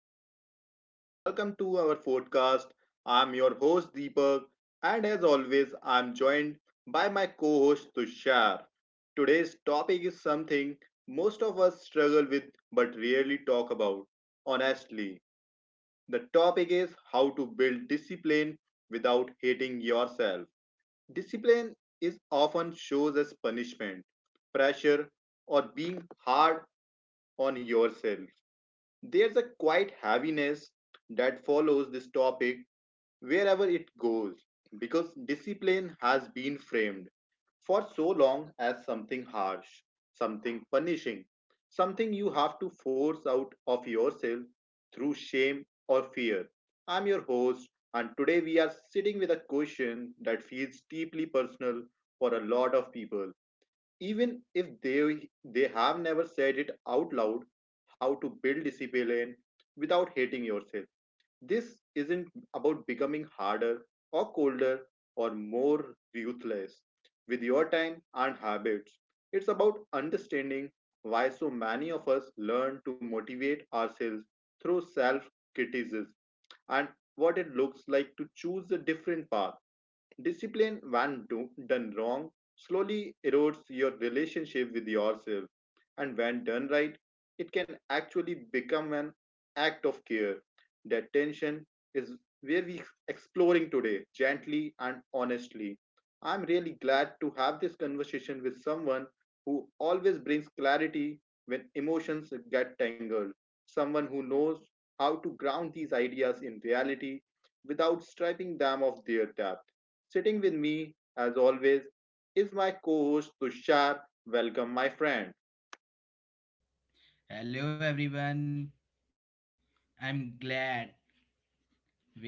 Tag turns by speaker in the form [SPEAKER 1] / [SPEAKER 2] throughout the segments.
[SPEAKER 1] everyone. Welcome to our podcast. I'm your host, Deepak, and as always, I'm joined by my co host, Tushar. Today's topic is something most of us struggle with but rarely talk about. Honestly, the topic is how to build discipline without hating yourself. Discipline is often shows as punishment, pressure, or being hard on yourself. There's a quiet heaviness that follows this topic wherever it goes, because discipline has been framed for so long as something harsh, something punishing, something you have to force out of yourself through shame or fear. I'm your host, and today we are sitting with a question that feels deeply personal for a lot of people, even if they have never said it out loud: how to build discipline without hating yourself. This isn't about becoming harder or colder or more ruthless with your time and habits. It's about understanding why so many of us learn to motivate ourselves through self criticism, and what it looks like to choose a different path. Discipline, when done wrong, slowly erodes your relationship with yourself, and when done right, it can actually become an act of care. That tension is where we exploring today, gently and honestly. I'm really glad to have this conversation with someone who always brings clarity when emotions get tangled, someone who knows how to ground these ideas in reality without stripping them of their depth. Sitting with me, as always, is my co host Tushar. Welcome, my friend.
[SPEAKER 2] Hello everyone. I'm glad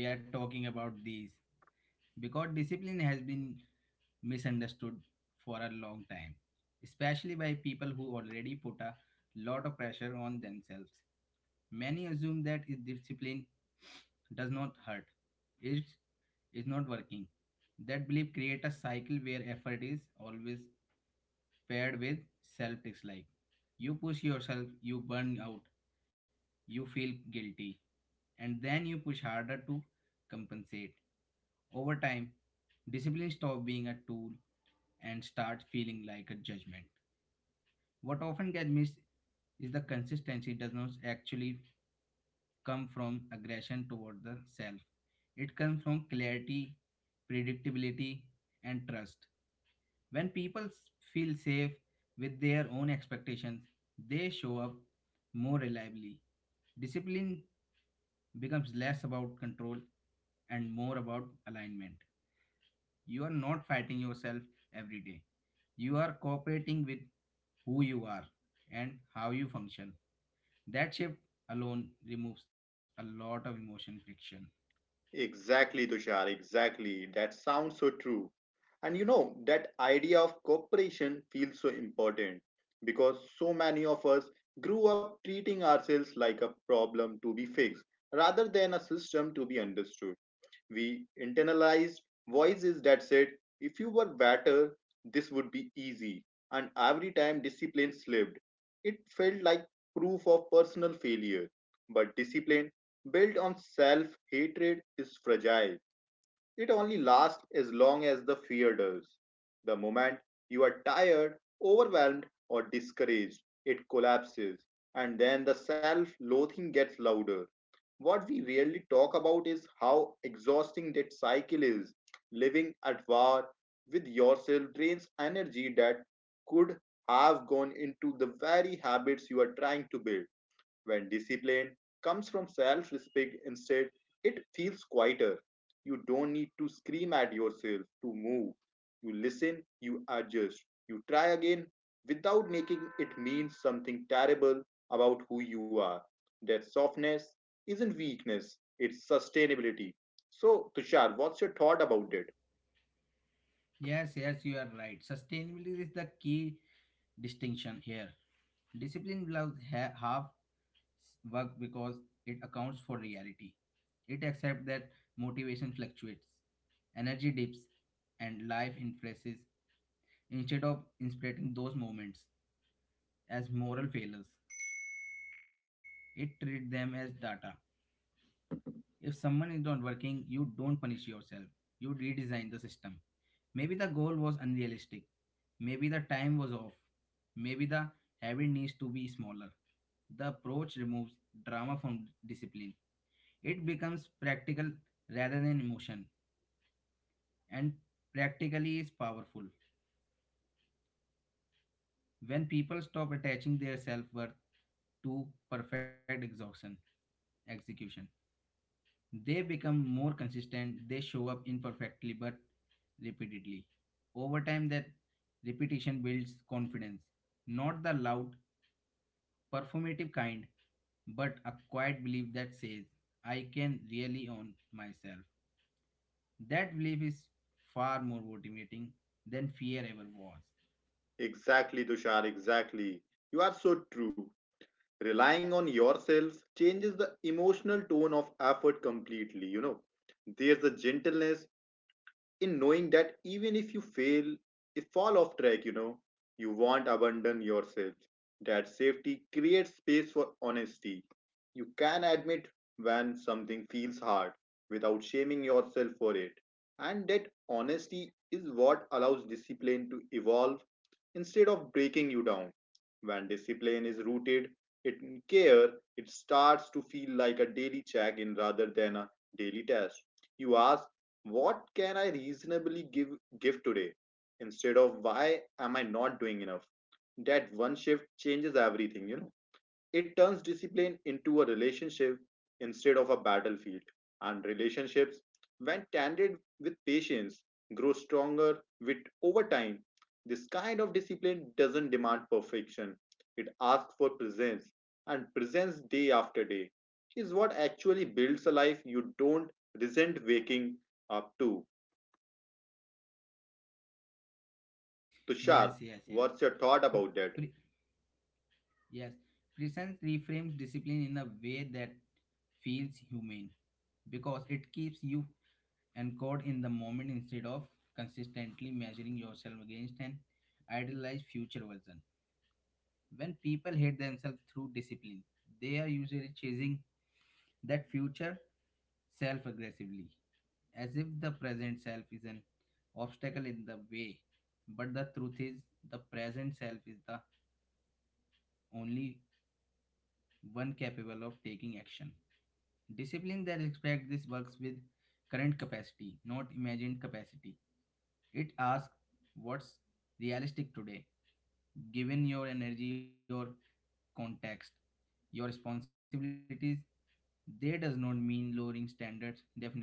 [SPEAKER 2] we are talking about this because discipline has been misunderstood for a long time, especially by people who already put a lot of pressure on themselves. Many assume that if discipline does not hurt, it is not working. That belief creates a cycle where effort is always paired with self dislike. You push yourself, you burn out, you feel guilty, and then you push harder to compensate. Over time, discipline stops being a tool and starts feeling like a judgment. What often gets missed is the consistency does not actually come from aggression toward the self. It comes from clarity, predictability, and trust. When feel safe with their own expectations, they show up more reliably. Discipline becomes less about control and more about alignment. You are not fighting yourself every day. You are cooperating with who you are and how you function. That shift alone removes a lot of emotion friction.
[SPEAKER 1] Exactly, Tushar, exactly. That sounds so true. And you know, that idea of cooperation feels so important because so many of us grew up treating ourselves like a problem to be fixed rather than a system to be understood. We internalized voices that said, if you were better, this would be easy. And every time discipline slipped, it felt like proof of personal failure. But discipline built on self hatred is fragile. It only lasts as long as the fear does. The moment you are tired, overwhelmed, or discouraged, it collapses, and then the self loathing gets louder. What we rarely talk about is how exhausting that cycle is. Living at war with yourself drains energy that could have gone into the very habits you are trying to build. When discipline comes from self respect instead, it feels quieter. You don't need to scream at yourself to move. You listen, you adjust, you try again without making it mean something terrible about who you are. That softness isn't weakness, it's sustainability. So, Tushar, what's your thought about it?
[SPEAKER 2] Yes, yes, you are right. Sustainability is the key distinction here. Discipline allows work because it accounts for reality. It accepts that motivation fluctuates, energy dips, and life increases instead of interpreting those moments as moral failures. It treats them as data. If someone is not working, you don't punish yourself. You redesign the system. Maybe the goal was unrealistic. Maybe the time was off. Maybe the habit needs to be smaller. The approach removes drama from discipline. It becomes practical rather than emotion, and practically is powerful. When people stop attaching their self worth to perfect exhaustion, execution, they become more consistent. They show up imperfectly but repeatedly. Over time, that repetition builds confidence, not the loud, performative kind, but a quiet belief that says, I can really own myself. That belief is far more motivating than fear ever was.
[SPEAKER 1] Exactly, Tushar, exactly. You are so true. Relying on yourself changes the emotional tone of effort completely, you know. There's a gentleness in knowing that even if you fail, if fall off track, you know, you won't abandon yourself. That safety creates space for honesty. You can admit when something feels hard without shaming yourself for it. And that honesty is what allows discipline to evolve instead of breaking you down. When discipline is rooted in care, it starts to feel like a daily check in rather than a daily test. You ask, what can I reasonably give today? Instead of, why am I not doing enough? That one shift changes everything, you know. It turns discipline into a relationship instead of a battlefield, and relationships, when tended with patience, grow stronger with over time. This kind of discipline doesn't demand perfection; it asks for presence, and presence day after day is what actually builds a life you don't resent waking up to. So, Tushar,
[SPEAKER 2] Yes, yes, yes.
[SPEAKER 1] what's your thought
[SPEAKER 2] Pre-
[SPEAKER 1] about that?
[SPEAKER 2] pre- yes, presence reframes discipline in a way that feels humane because it keeps you anchored in the moment instead of consistently measuring yourself against an idealized future version. When people hate themselves through discipline, they are usually chasing that future self aggressively as if the present self is an obstacle in the way. But the truth is, the present self is the only one capable of taking action. Discipline that respects this works with current capacity, not imagined capacity. It asks what's realistic today, given your energy, your context, your responsibilities. They does not mean lowering standards, definitely.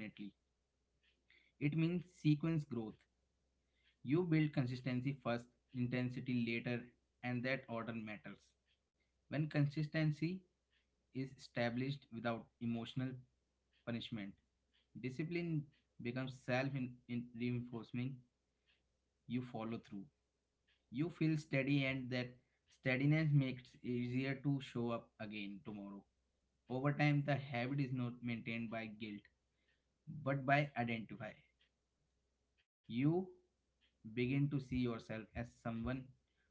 [SPEAKER 2] It means sequence growth. You build consistency first, intensity later, and that order matters. When consistency is established without emotional punishment, discipline becomes self reinforcing. You follow through. You feel steady, and that steadiness makes it easier to show up again tomorrow. Over time, the habit is not maintained by guilt, but by identify. You begin to see yourself as someone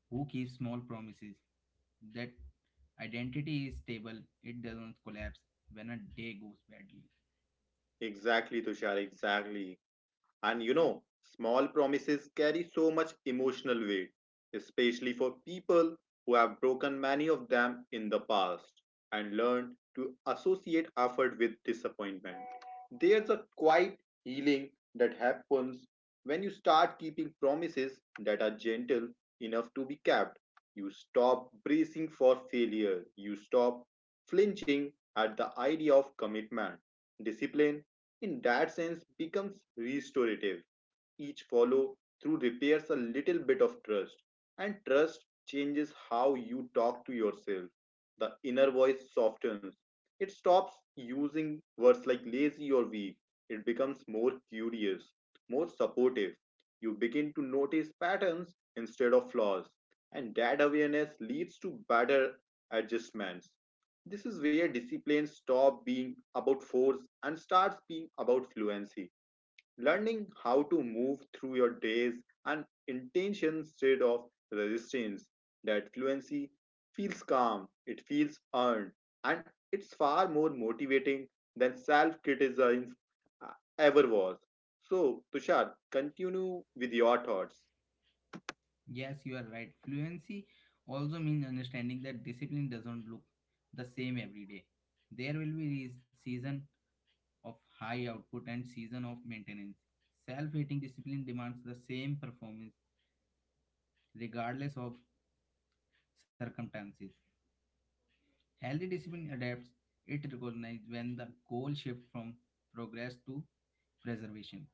[SPEAKER 2] who keeps small promises that identity is stable, it doesn't collapse when a day goes badly.
[SPEAKER 1] Exactly, Tushar. Exactly. And you know, small promises carry so much emotional weight, especially for people who have broken many of them in the past and learned to associate effort with disappointment. There's a quiet healing that happens when you start keeping promises that are gentle enough to be kept. You stop bracing for failure, you stop flinching at the idea of commitment. Discipline in that sense becomes restorative. Each follow through repairs a little bit of trust, and trust changes how you talk to yourself. The inner voice softens. It stops using words like lazy or weak. It becomes more curious, more supportive. You begin to notice patterns instead of flaws, and that awareness leads to better adjustments. This is where discipline stop being about force and starts being about fluency, learning how to move through your days and intention instead of resistance. That fluency feels calm, it feels earned, and it's far more motivating than self criticism ever was. So, Tushar, continue with your thoughts.
[SPEAKER 2] Yes, you are right. Fluency also means understanding that discipline doesn't look the same every day. There will be a season of high output and season of maintenance. Self-hating discipline demands the same performance regardless of circumstances. Healthy discipline adapts. It recognizes when the goal shifts from progress to preservation.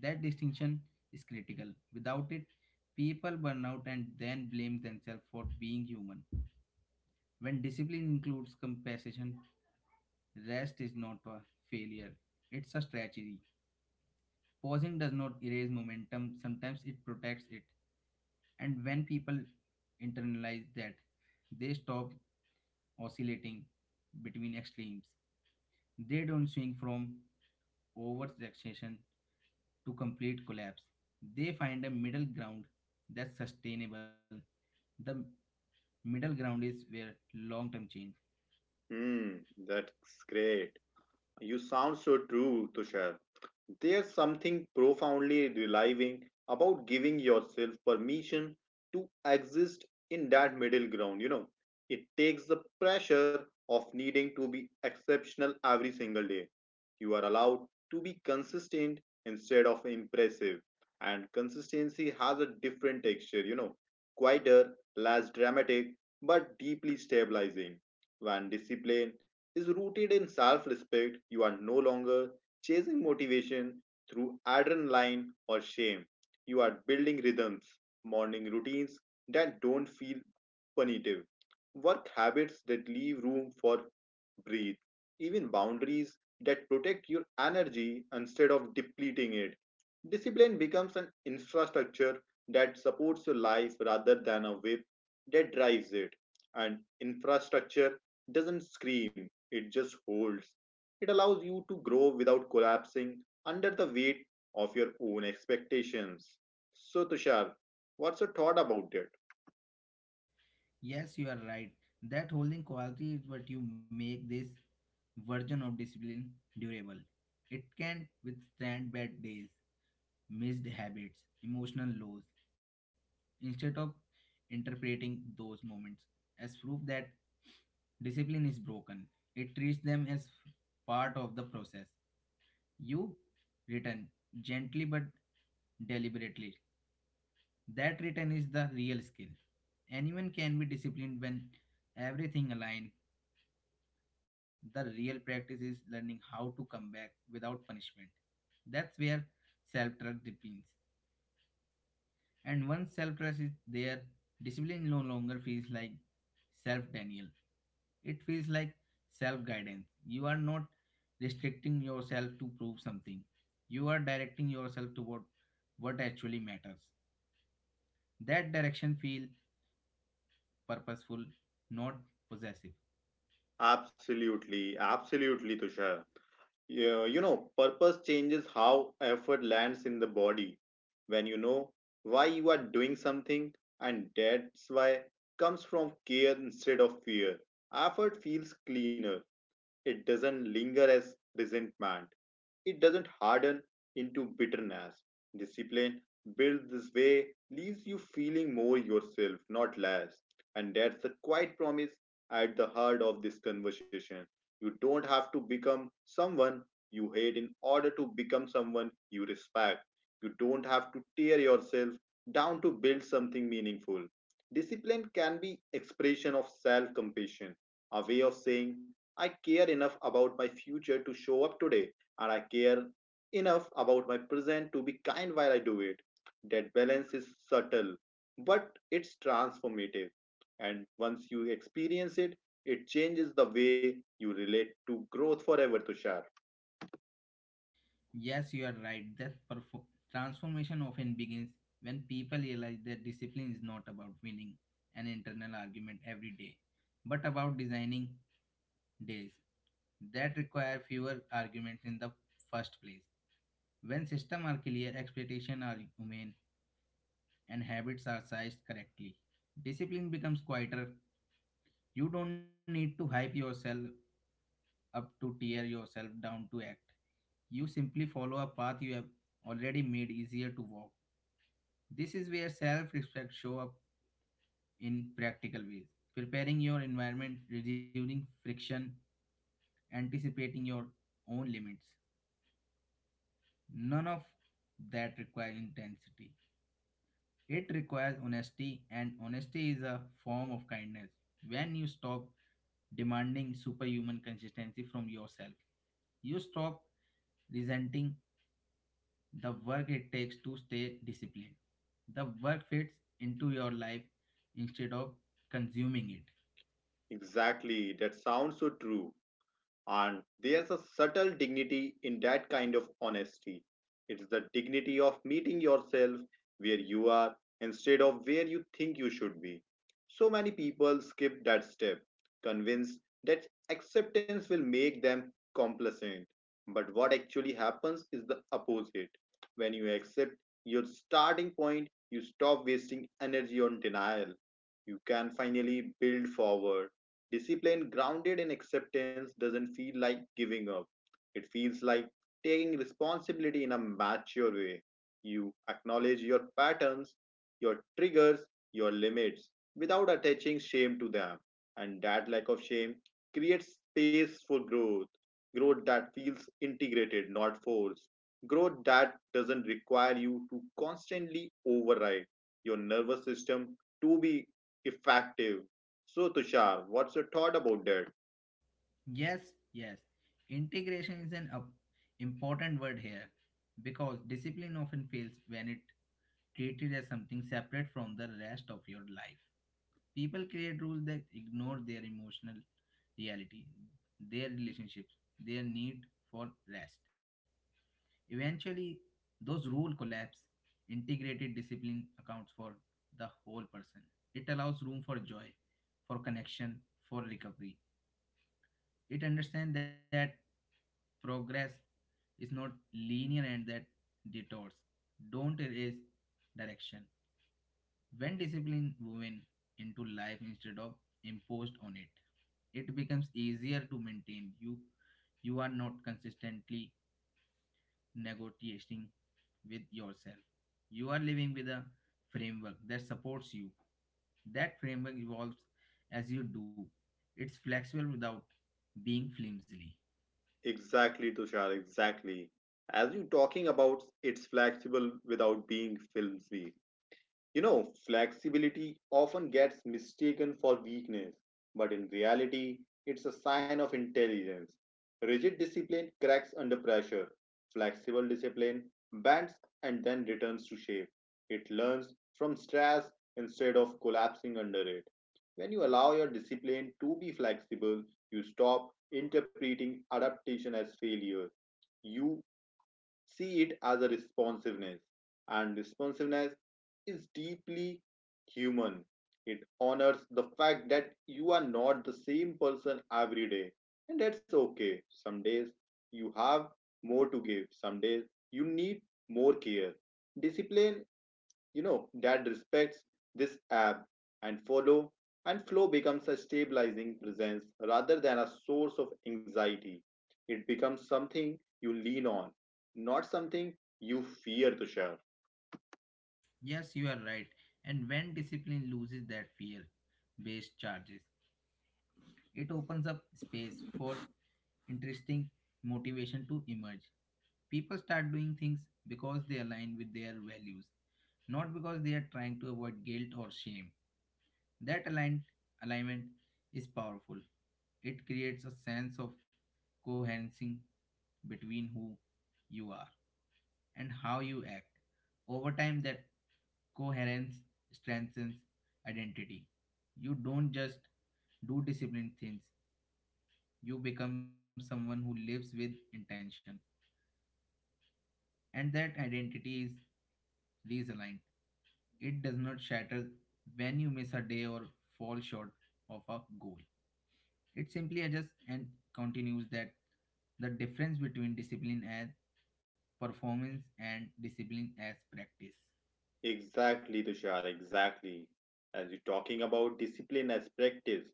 [SPEAKER 2] That distinction is critical. Without it, people burn out and then blame themselves for being human. When discipline includes compassion, rest is not a failure, it's a strategy. Pausing does not erase momentum, sometimes it protects it. And when people internalize that, they stop oscillating between extremes. They don't swing from oversaturation to complete collapse. They find a middle ground that's sustainable. The middle ground is where long term change.
[SPEAKER 1] Hmm, that's great. You sound so true, Tushar. There's something profoundly relieving about giving yourself permission to exist in that middle ground, you know. It takes the pressure of needing to be exceptional every single day. You are allowed to be consistent instead of impressive. And consistency has a different texture, you know, quieter, less dramatic, but deeply stabilizing. When discipline is rooted in self respect, you are no longer chasing motivation through adrenaline or shame. You are building rhythms, morning routines that don't feel punitive, work habits that leave room for breathe, even boundaries that protect your energy instead of depleting it. Discipline becomes an infrastructure that supports your life rather than a whip that drives it. And infrastructure doesn't scream, it just holds. It allows you to grow without collapsing under the weight of your own expectations. So, Tushar, what's your thought about it?
[SPEAKER 2] Yes, you are right. That holding quality is what you make this version of discipline durable. It can withstand bad days, missed habits, emotional lows, instead of interpreting those moments as proof that discipline is broken. It treats them as part of the process. You return gently but deliberately. That return is the real skill. Anyone can be disciplined when everything aligns. The real practice is learning how to come back without punishment. That's where self trust depends. And once self trust is there, discipline no longer feels like self denial. It feels like self guidance. You are not restricting yourself to prove something, you are directing yourself toward what actually matters. That direction feels purposeful, not possessive.
[SPEAKER 1] Absolutely, absolutely, Tushar. Yeah, you know, purpose changes how effort lands in the body. When you know why you are doing something, and that's why comes from care instead of fear. Effort feels cleaner. It doesn't linger as resentment. It doesn't harden into bitterness. Discipline built this way leaves you feeling more yourself, not less. And that's the quiet promise at the heart of this conversation. You don't have to become someone you hate in order to become someone you respect. You don't have to tear yourself down to build something meaningful. Discipline can be expression of self-compassion, a way of saying, I care enough about my future to show up today and I care enough about my present to be kind while I do it. That balance is subtle, but it's transformative. And once you experience it, it changes the way you relate to growth forever, Tushar.
[SPEAKER 2] Yes, you are right. That transformation often begins when people realize that discipline is not about winning an internal argument every day, but about designing days that require fewer arguments in the first place. When systems are clear, expectations are humane, and habits are sized correctly, discipline becomes quieter. You don't need to hype yourself up to tear yourself down to act. You simply follow a path you have already made easier to walk. This is where self respect show up in practical ways. Preparing your environment, reducing friction, anticipating your own limits. None of that requires intensity. It requires honesty, and honesty is a form of kindness. When you stop demanding superhuman consistency from yourself, you stop resenting the work it takes to stay disciplined. The work fits into your life instead of consuming it.
[SPEAKER 1] Exactly, that sounds so true. And there's a subtle dignity in that kind of honesty. It's the dignity of meeting yourself where you are instead of where you think you should be. So many people skip that step, convinced that acceptance will make them complacent. But what actually happens is the opposite. When you accept your starting point, you stop wasting energy on denial. You can finally build forward. Discipline grounded in acceptance doesn't feel like giving up. It feels like taking responsibility in a mature way. You acknowledge your patterns, your triggers, your limits without attaching shame to them. And that lack of shame creates space for growth. Growth that feels integrated, not forced. Growth that doesn't require you to constantly override your nervous system to be effective. So, Tushar, what's your thought about that?
[SPEAKER 2] Yes, yes. Integration is an important word here because discipline often fails when it treated as something separate from the rest of your life. People create rules that ignore their emotional reality, their relationships, their need for rest. Eventually, those rules collapse. Integrated discipline accounts for the whole person. It allows room for joy, for connection, for recovery. It understands that progress is not linear and that detours don't erase direction. When discipline woven into life instead of imposed on it, it becomes easier to maintain. You are not consistently negotiating with yourself. You are living with a framework that supports you. That framework evolves as you do. It's flexible without being flimsy.
[SPEAKER 1] Exactly, Tushar, exactly. As you talking about, it's flexible without being filmy. You know, flexibility often gets mistaken for weakness, but in reality, it's a sign of intelligence. Rigid discipline cracks under pressure, flexible discipline bends and then returns to shape. It learns from stress instead of collapsing under it. When you allow your discipline to be flexible, you stop interpreting adaptation as failure. You see it as a responsiveness. And responsiveness is deeply human. It honors the fact that you are not the same person every day. And that's okay. Some days you have more to give, some days you need more care. Discipline you know that respects this app and follow and flow becomes a stabilizing presence rather than a source of anxiety. It becomes something you lean on, not something you fear to share.
[SPEAKER 2] Yes, you are right. And when discipline loses that fear based charges, it opens up space for interesting motivation to emerge. People start doing things because they align with their values, not because they are trying to avoid guilt or shame. That aligned alignment is powerful. It creates a sense of coherency between who you are and how you act. Over time, that coherence strengthens identity. You don't just do disciplined things, you become someone who lives with intention. And that identity is realigned. It does not shatter when you miss a day or fall short of a goal. It simply adjusts and continues that the difference between discipline as performance and discipline as practice.
[SPEAKER 1] Exactly, Tushar, exactly. As you're talking about discipline as practice,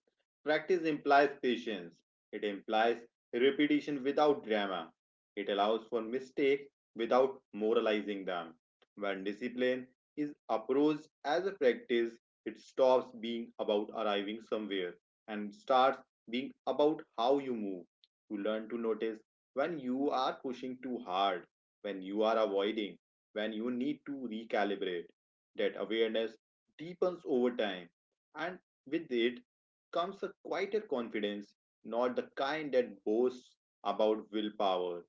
[SPEAKER 1] practice implies patience. It implies repetition without drama. It allows for mistakes without moralizing them. When discipline is approached as a practice, it stops being about arriving somewhere and starts being about how you move. You learn to notice when you are pushing too hard, when you are avoiding, when you need to recalibrate. That awareness deepens over time, and with it comes a quieter confidence, not the kind that boasts about willpower,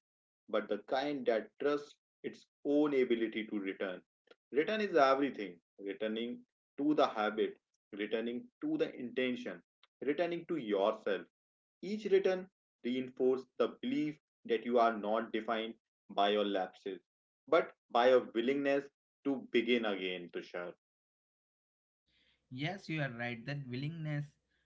[SPEAKER 1] but the kind that trusts its own ability to return. Return is everything, returning to the habit, returning to the intention, returning to yourself. Each return reinforced the belief that you are not defined by your lapses, but by your willingness to begin again, Tushar.
[SPEAKER 2] Yes, you are right. That willingness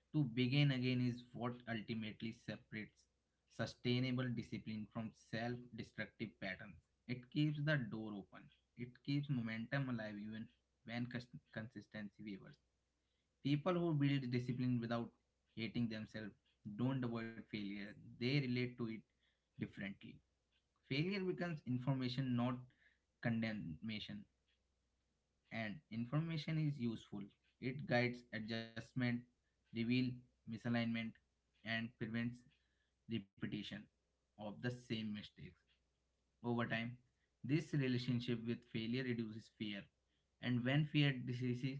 [SPEAKER 2] to begin again is what ultimately separates sustainable discipline from self destructive patterns. It keeps the door open, it keeps momentum alive even when consistency wavers. People who build discipline without hating themselves don't avoid failure, they relate to it differently. Failure becomes information, not condemnation and information is useful. It guides adjustment, reveal misalignment, and prevents repetition of the same mistakes. Over time, this relationship with failure reduces fear, and when fear decreases,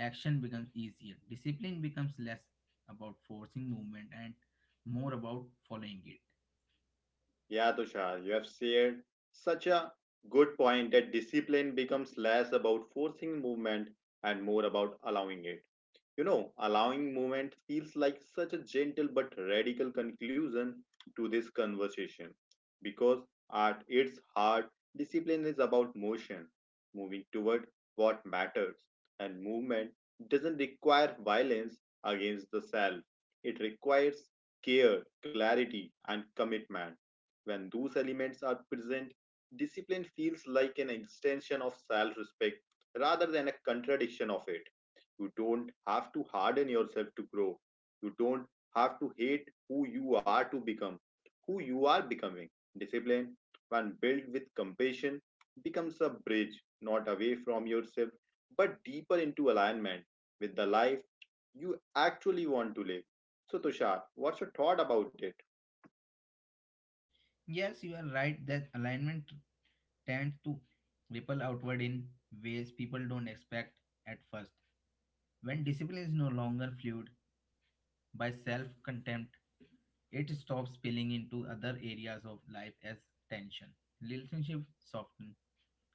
[SPEAKER 2] action becomes easier. Discipline becomes less about forcing movement and more about following it.
[SPEAKER 1] Yeah, Tushar, you have shared such a good point that discipline becomes less about forcing movement and more about allowing it. You know, allowing movement feels like such a gentle but radical conclusion to this conversation because at its heart, discipline is about motion, moving toward what matters, and movement doesn't require violence against the self. It requires care, clarity, and commitment. When those elements are present, discipline feels like an extension of self respect rather than a contradiction of it. You don't have to harden yourself to grow. You don't have to hate who you are to become who you are becoming. Discipline, when built with compassion, becomes a bridge not away from yourself but deeper into alignment with the life you actually want to live. So, Tushar, what's your thought about it?
[SPEAKER 2] Yes, you are right that alignment tends to ripple outward in ways people don't expect at first. When discipline is no longer fueled by self contempt, it stops spilling into other areas of life as tension. Relationships soften,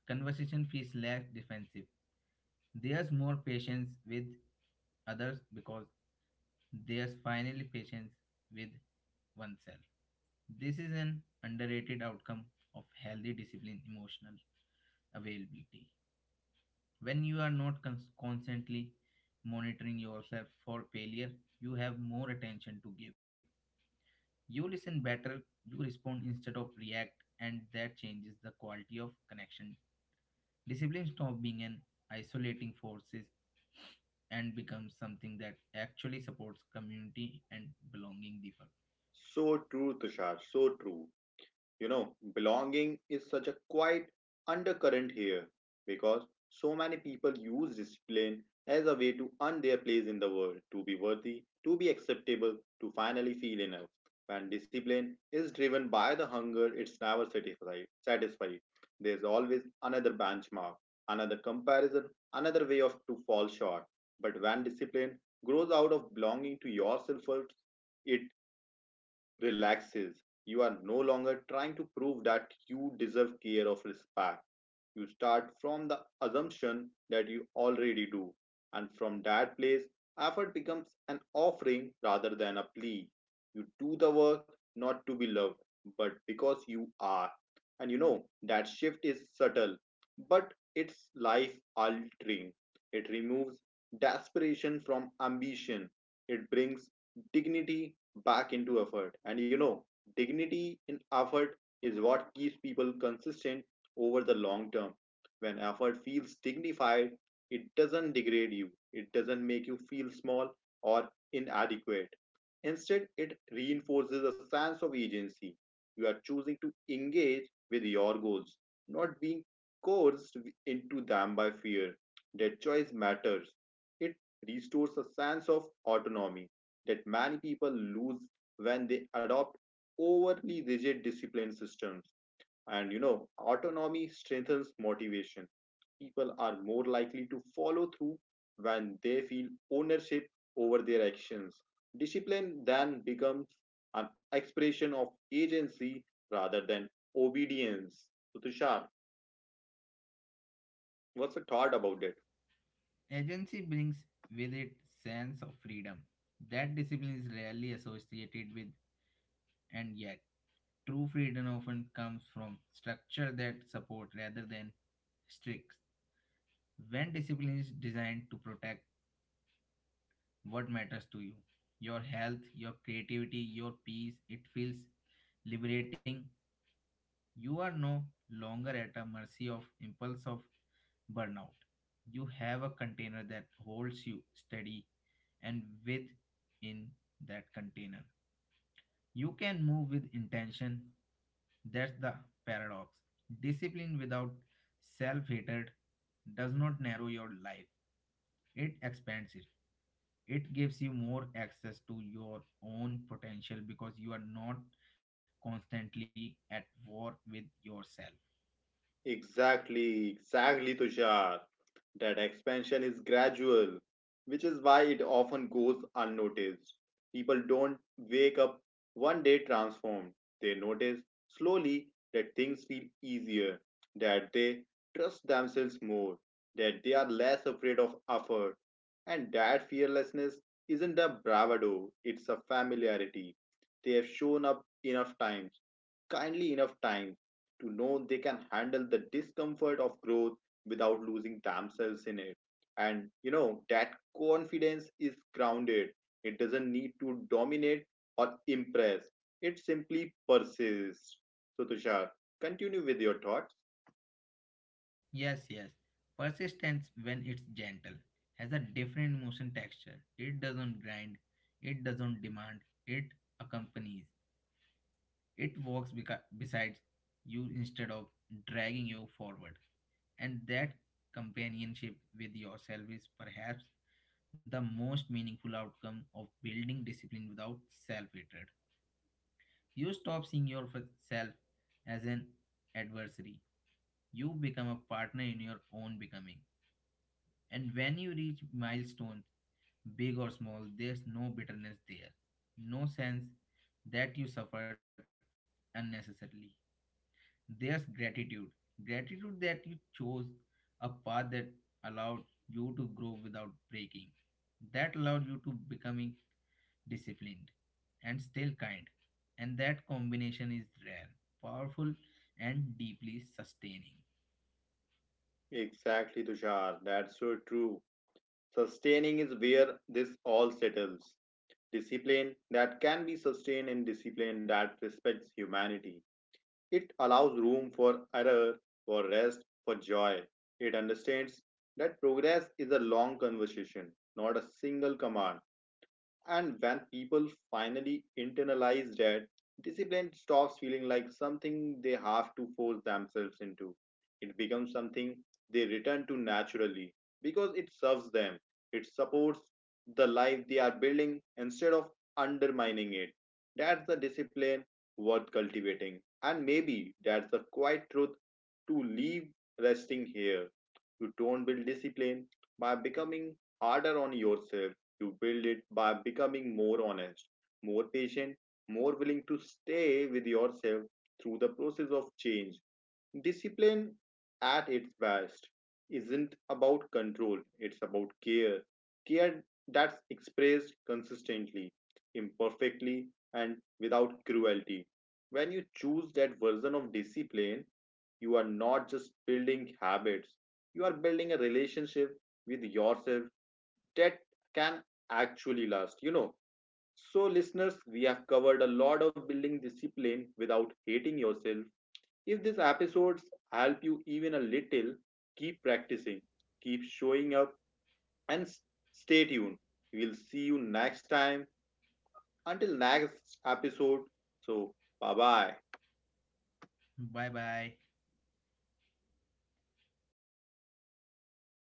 [SPEAKER 2] conversation feels less defensive. There's more patience with others because there's finally patience with oneself. This is an underrated outcome of healthy discipline emotional availability. When you are not constantly monitoring yourself for failure, you have more attention to give. You listen better, you respond instead of react, and that changes the quality of connection. Discipline stops being an isolating forces and becomes something that actually supports community and belonging deeper.
[SPEAKER 1] So true, Tushar, so true. You know, belonging is such a quiet undercurrent here because so many people use discipline as a way to earn their place in the world, to be worthy, to be acceptable, to finally feel enough. When discipline is driven by the hunger, it's never satisfied. There's always another benchmark, another comparison, another way of to fall short. But when discipline grows out of belonging to yourself first, it relaxes. You are no longer trying to prove that you deserve care or respect. You start from the assumption that you already do, and from that place, effort becomes an offering rather than a plea. You do the work not to be loved, but because you are. And you know, that shift is subtle, but it's life altering. It removes desperation from ambition, it brings dignity back into effort. And you know, dignity in effort is what keeps people consistent over the long term. When effort feels dignified, it doesn't degrade you, it doesn't make you feel small or inadequate. Instead, it reinforces a sense of agency. You are choosing to engage with your goals, not being coerced into them by fear. That choice matters. It restores a sense of autonomy that many people lose when they adopt overly rigid discipline systems. And you know, autonomy strengthens motivation. People are more likely to follow through when they feel ownership over their actions. Discipline then becomes an expression of agency rather than obedience. So, Tushar, what's your thought about it?
[SPEAKER 2] Agency brings with it sense of freedom. That discipline is rarely associated with, and yet true freedom often comes from structure that support rather than strict. When discipline is designed to protect what matters to you, your health, your creativity, your peace, it feels liberating. You are no longer at a mercy of impulse of burnout. You have a container that holds you steady and within that container. You can move with intention. That's the paradox. Discipline without self hatred does not narrow your life, it expands it. It gives you more access to your own potential because you are not constantly at war with yourself.
[SPEAKER 1] Exactly, exactly, Tushar. That expansion is gradual, which is why it often goes unnoticed. People don't wake up one day transformed. They notice slowly that things feel easier, that they trust themselves more, that they are less afraid of effort. And that fearlessness isn't a bravado, it's a familiarity. They have shown up enough times kindly enough time to know they can handle the discomfort of growth without losing themselves in it. And you know, that confidence is grounded, it doesn't need to dominate or impress, it simply persists. So, Tushar, continue with your thoughts.
[SPEAKER 2] Yes, yes. Persistence, when it's gentle, has a different emotion texture. It doesn't grind, it doesn't demand, it accompanies. It walks beside you instead of dragging you forward. And that companionship with yourself is perhaps the most meaningful outcome of building discipline without self hatred. You stop seeing yourself as an adversary, you become a partner in your own becoming. And when you reach milestones, big or small, there's no bitterness there, no sense that you suffered unnecessarily. There's gratitude. Gratitude that you chose a path that allowed you to grow without breaking, that allowed you to becoming disciplined and still kind. And that combination is rare, powerful, and deeply sustaining.
[SPEAKER 1] Exactly, Tushar, that's so true. Sustaining is where this all settles. Discipline that can be sustained and discipline that respects humanity. It allows room for error, for rest, for joy. It understands that progress is a long conversation, not a single command. And when people finally internalize that, discipline stops feeling like something they have to force themselves into. It becomes something they return to naturally because it serves them, it supports the life they are building instead of undermining it. That's the discipline worth cultivating. And maybe that's the quiet truth to leave resting here. You don't build discipline by becoming harder on yourself. You build it by becoming more honest, more patient, more willing to stay with yourself through the process of change. Discipline at its best isn't about control, it's about care. Care that's expressed consistently, imperfectly, and without cruelty. When you choose that version of discipline, you are not just building habits, you are building a relationship with yourself that can actually last, you know. So, listeners, we have covered a lot of building discipline without hating yourself. If these episodes help you even a little, keep practicing, keep showing up, and stay tuned. We'll see you next time. Until next episode. So, bye bye.
[SPEAKER 2] Bye bye.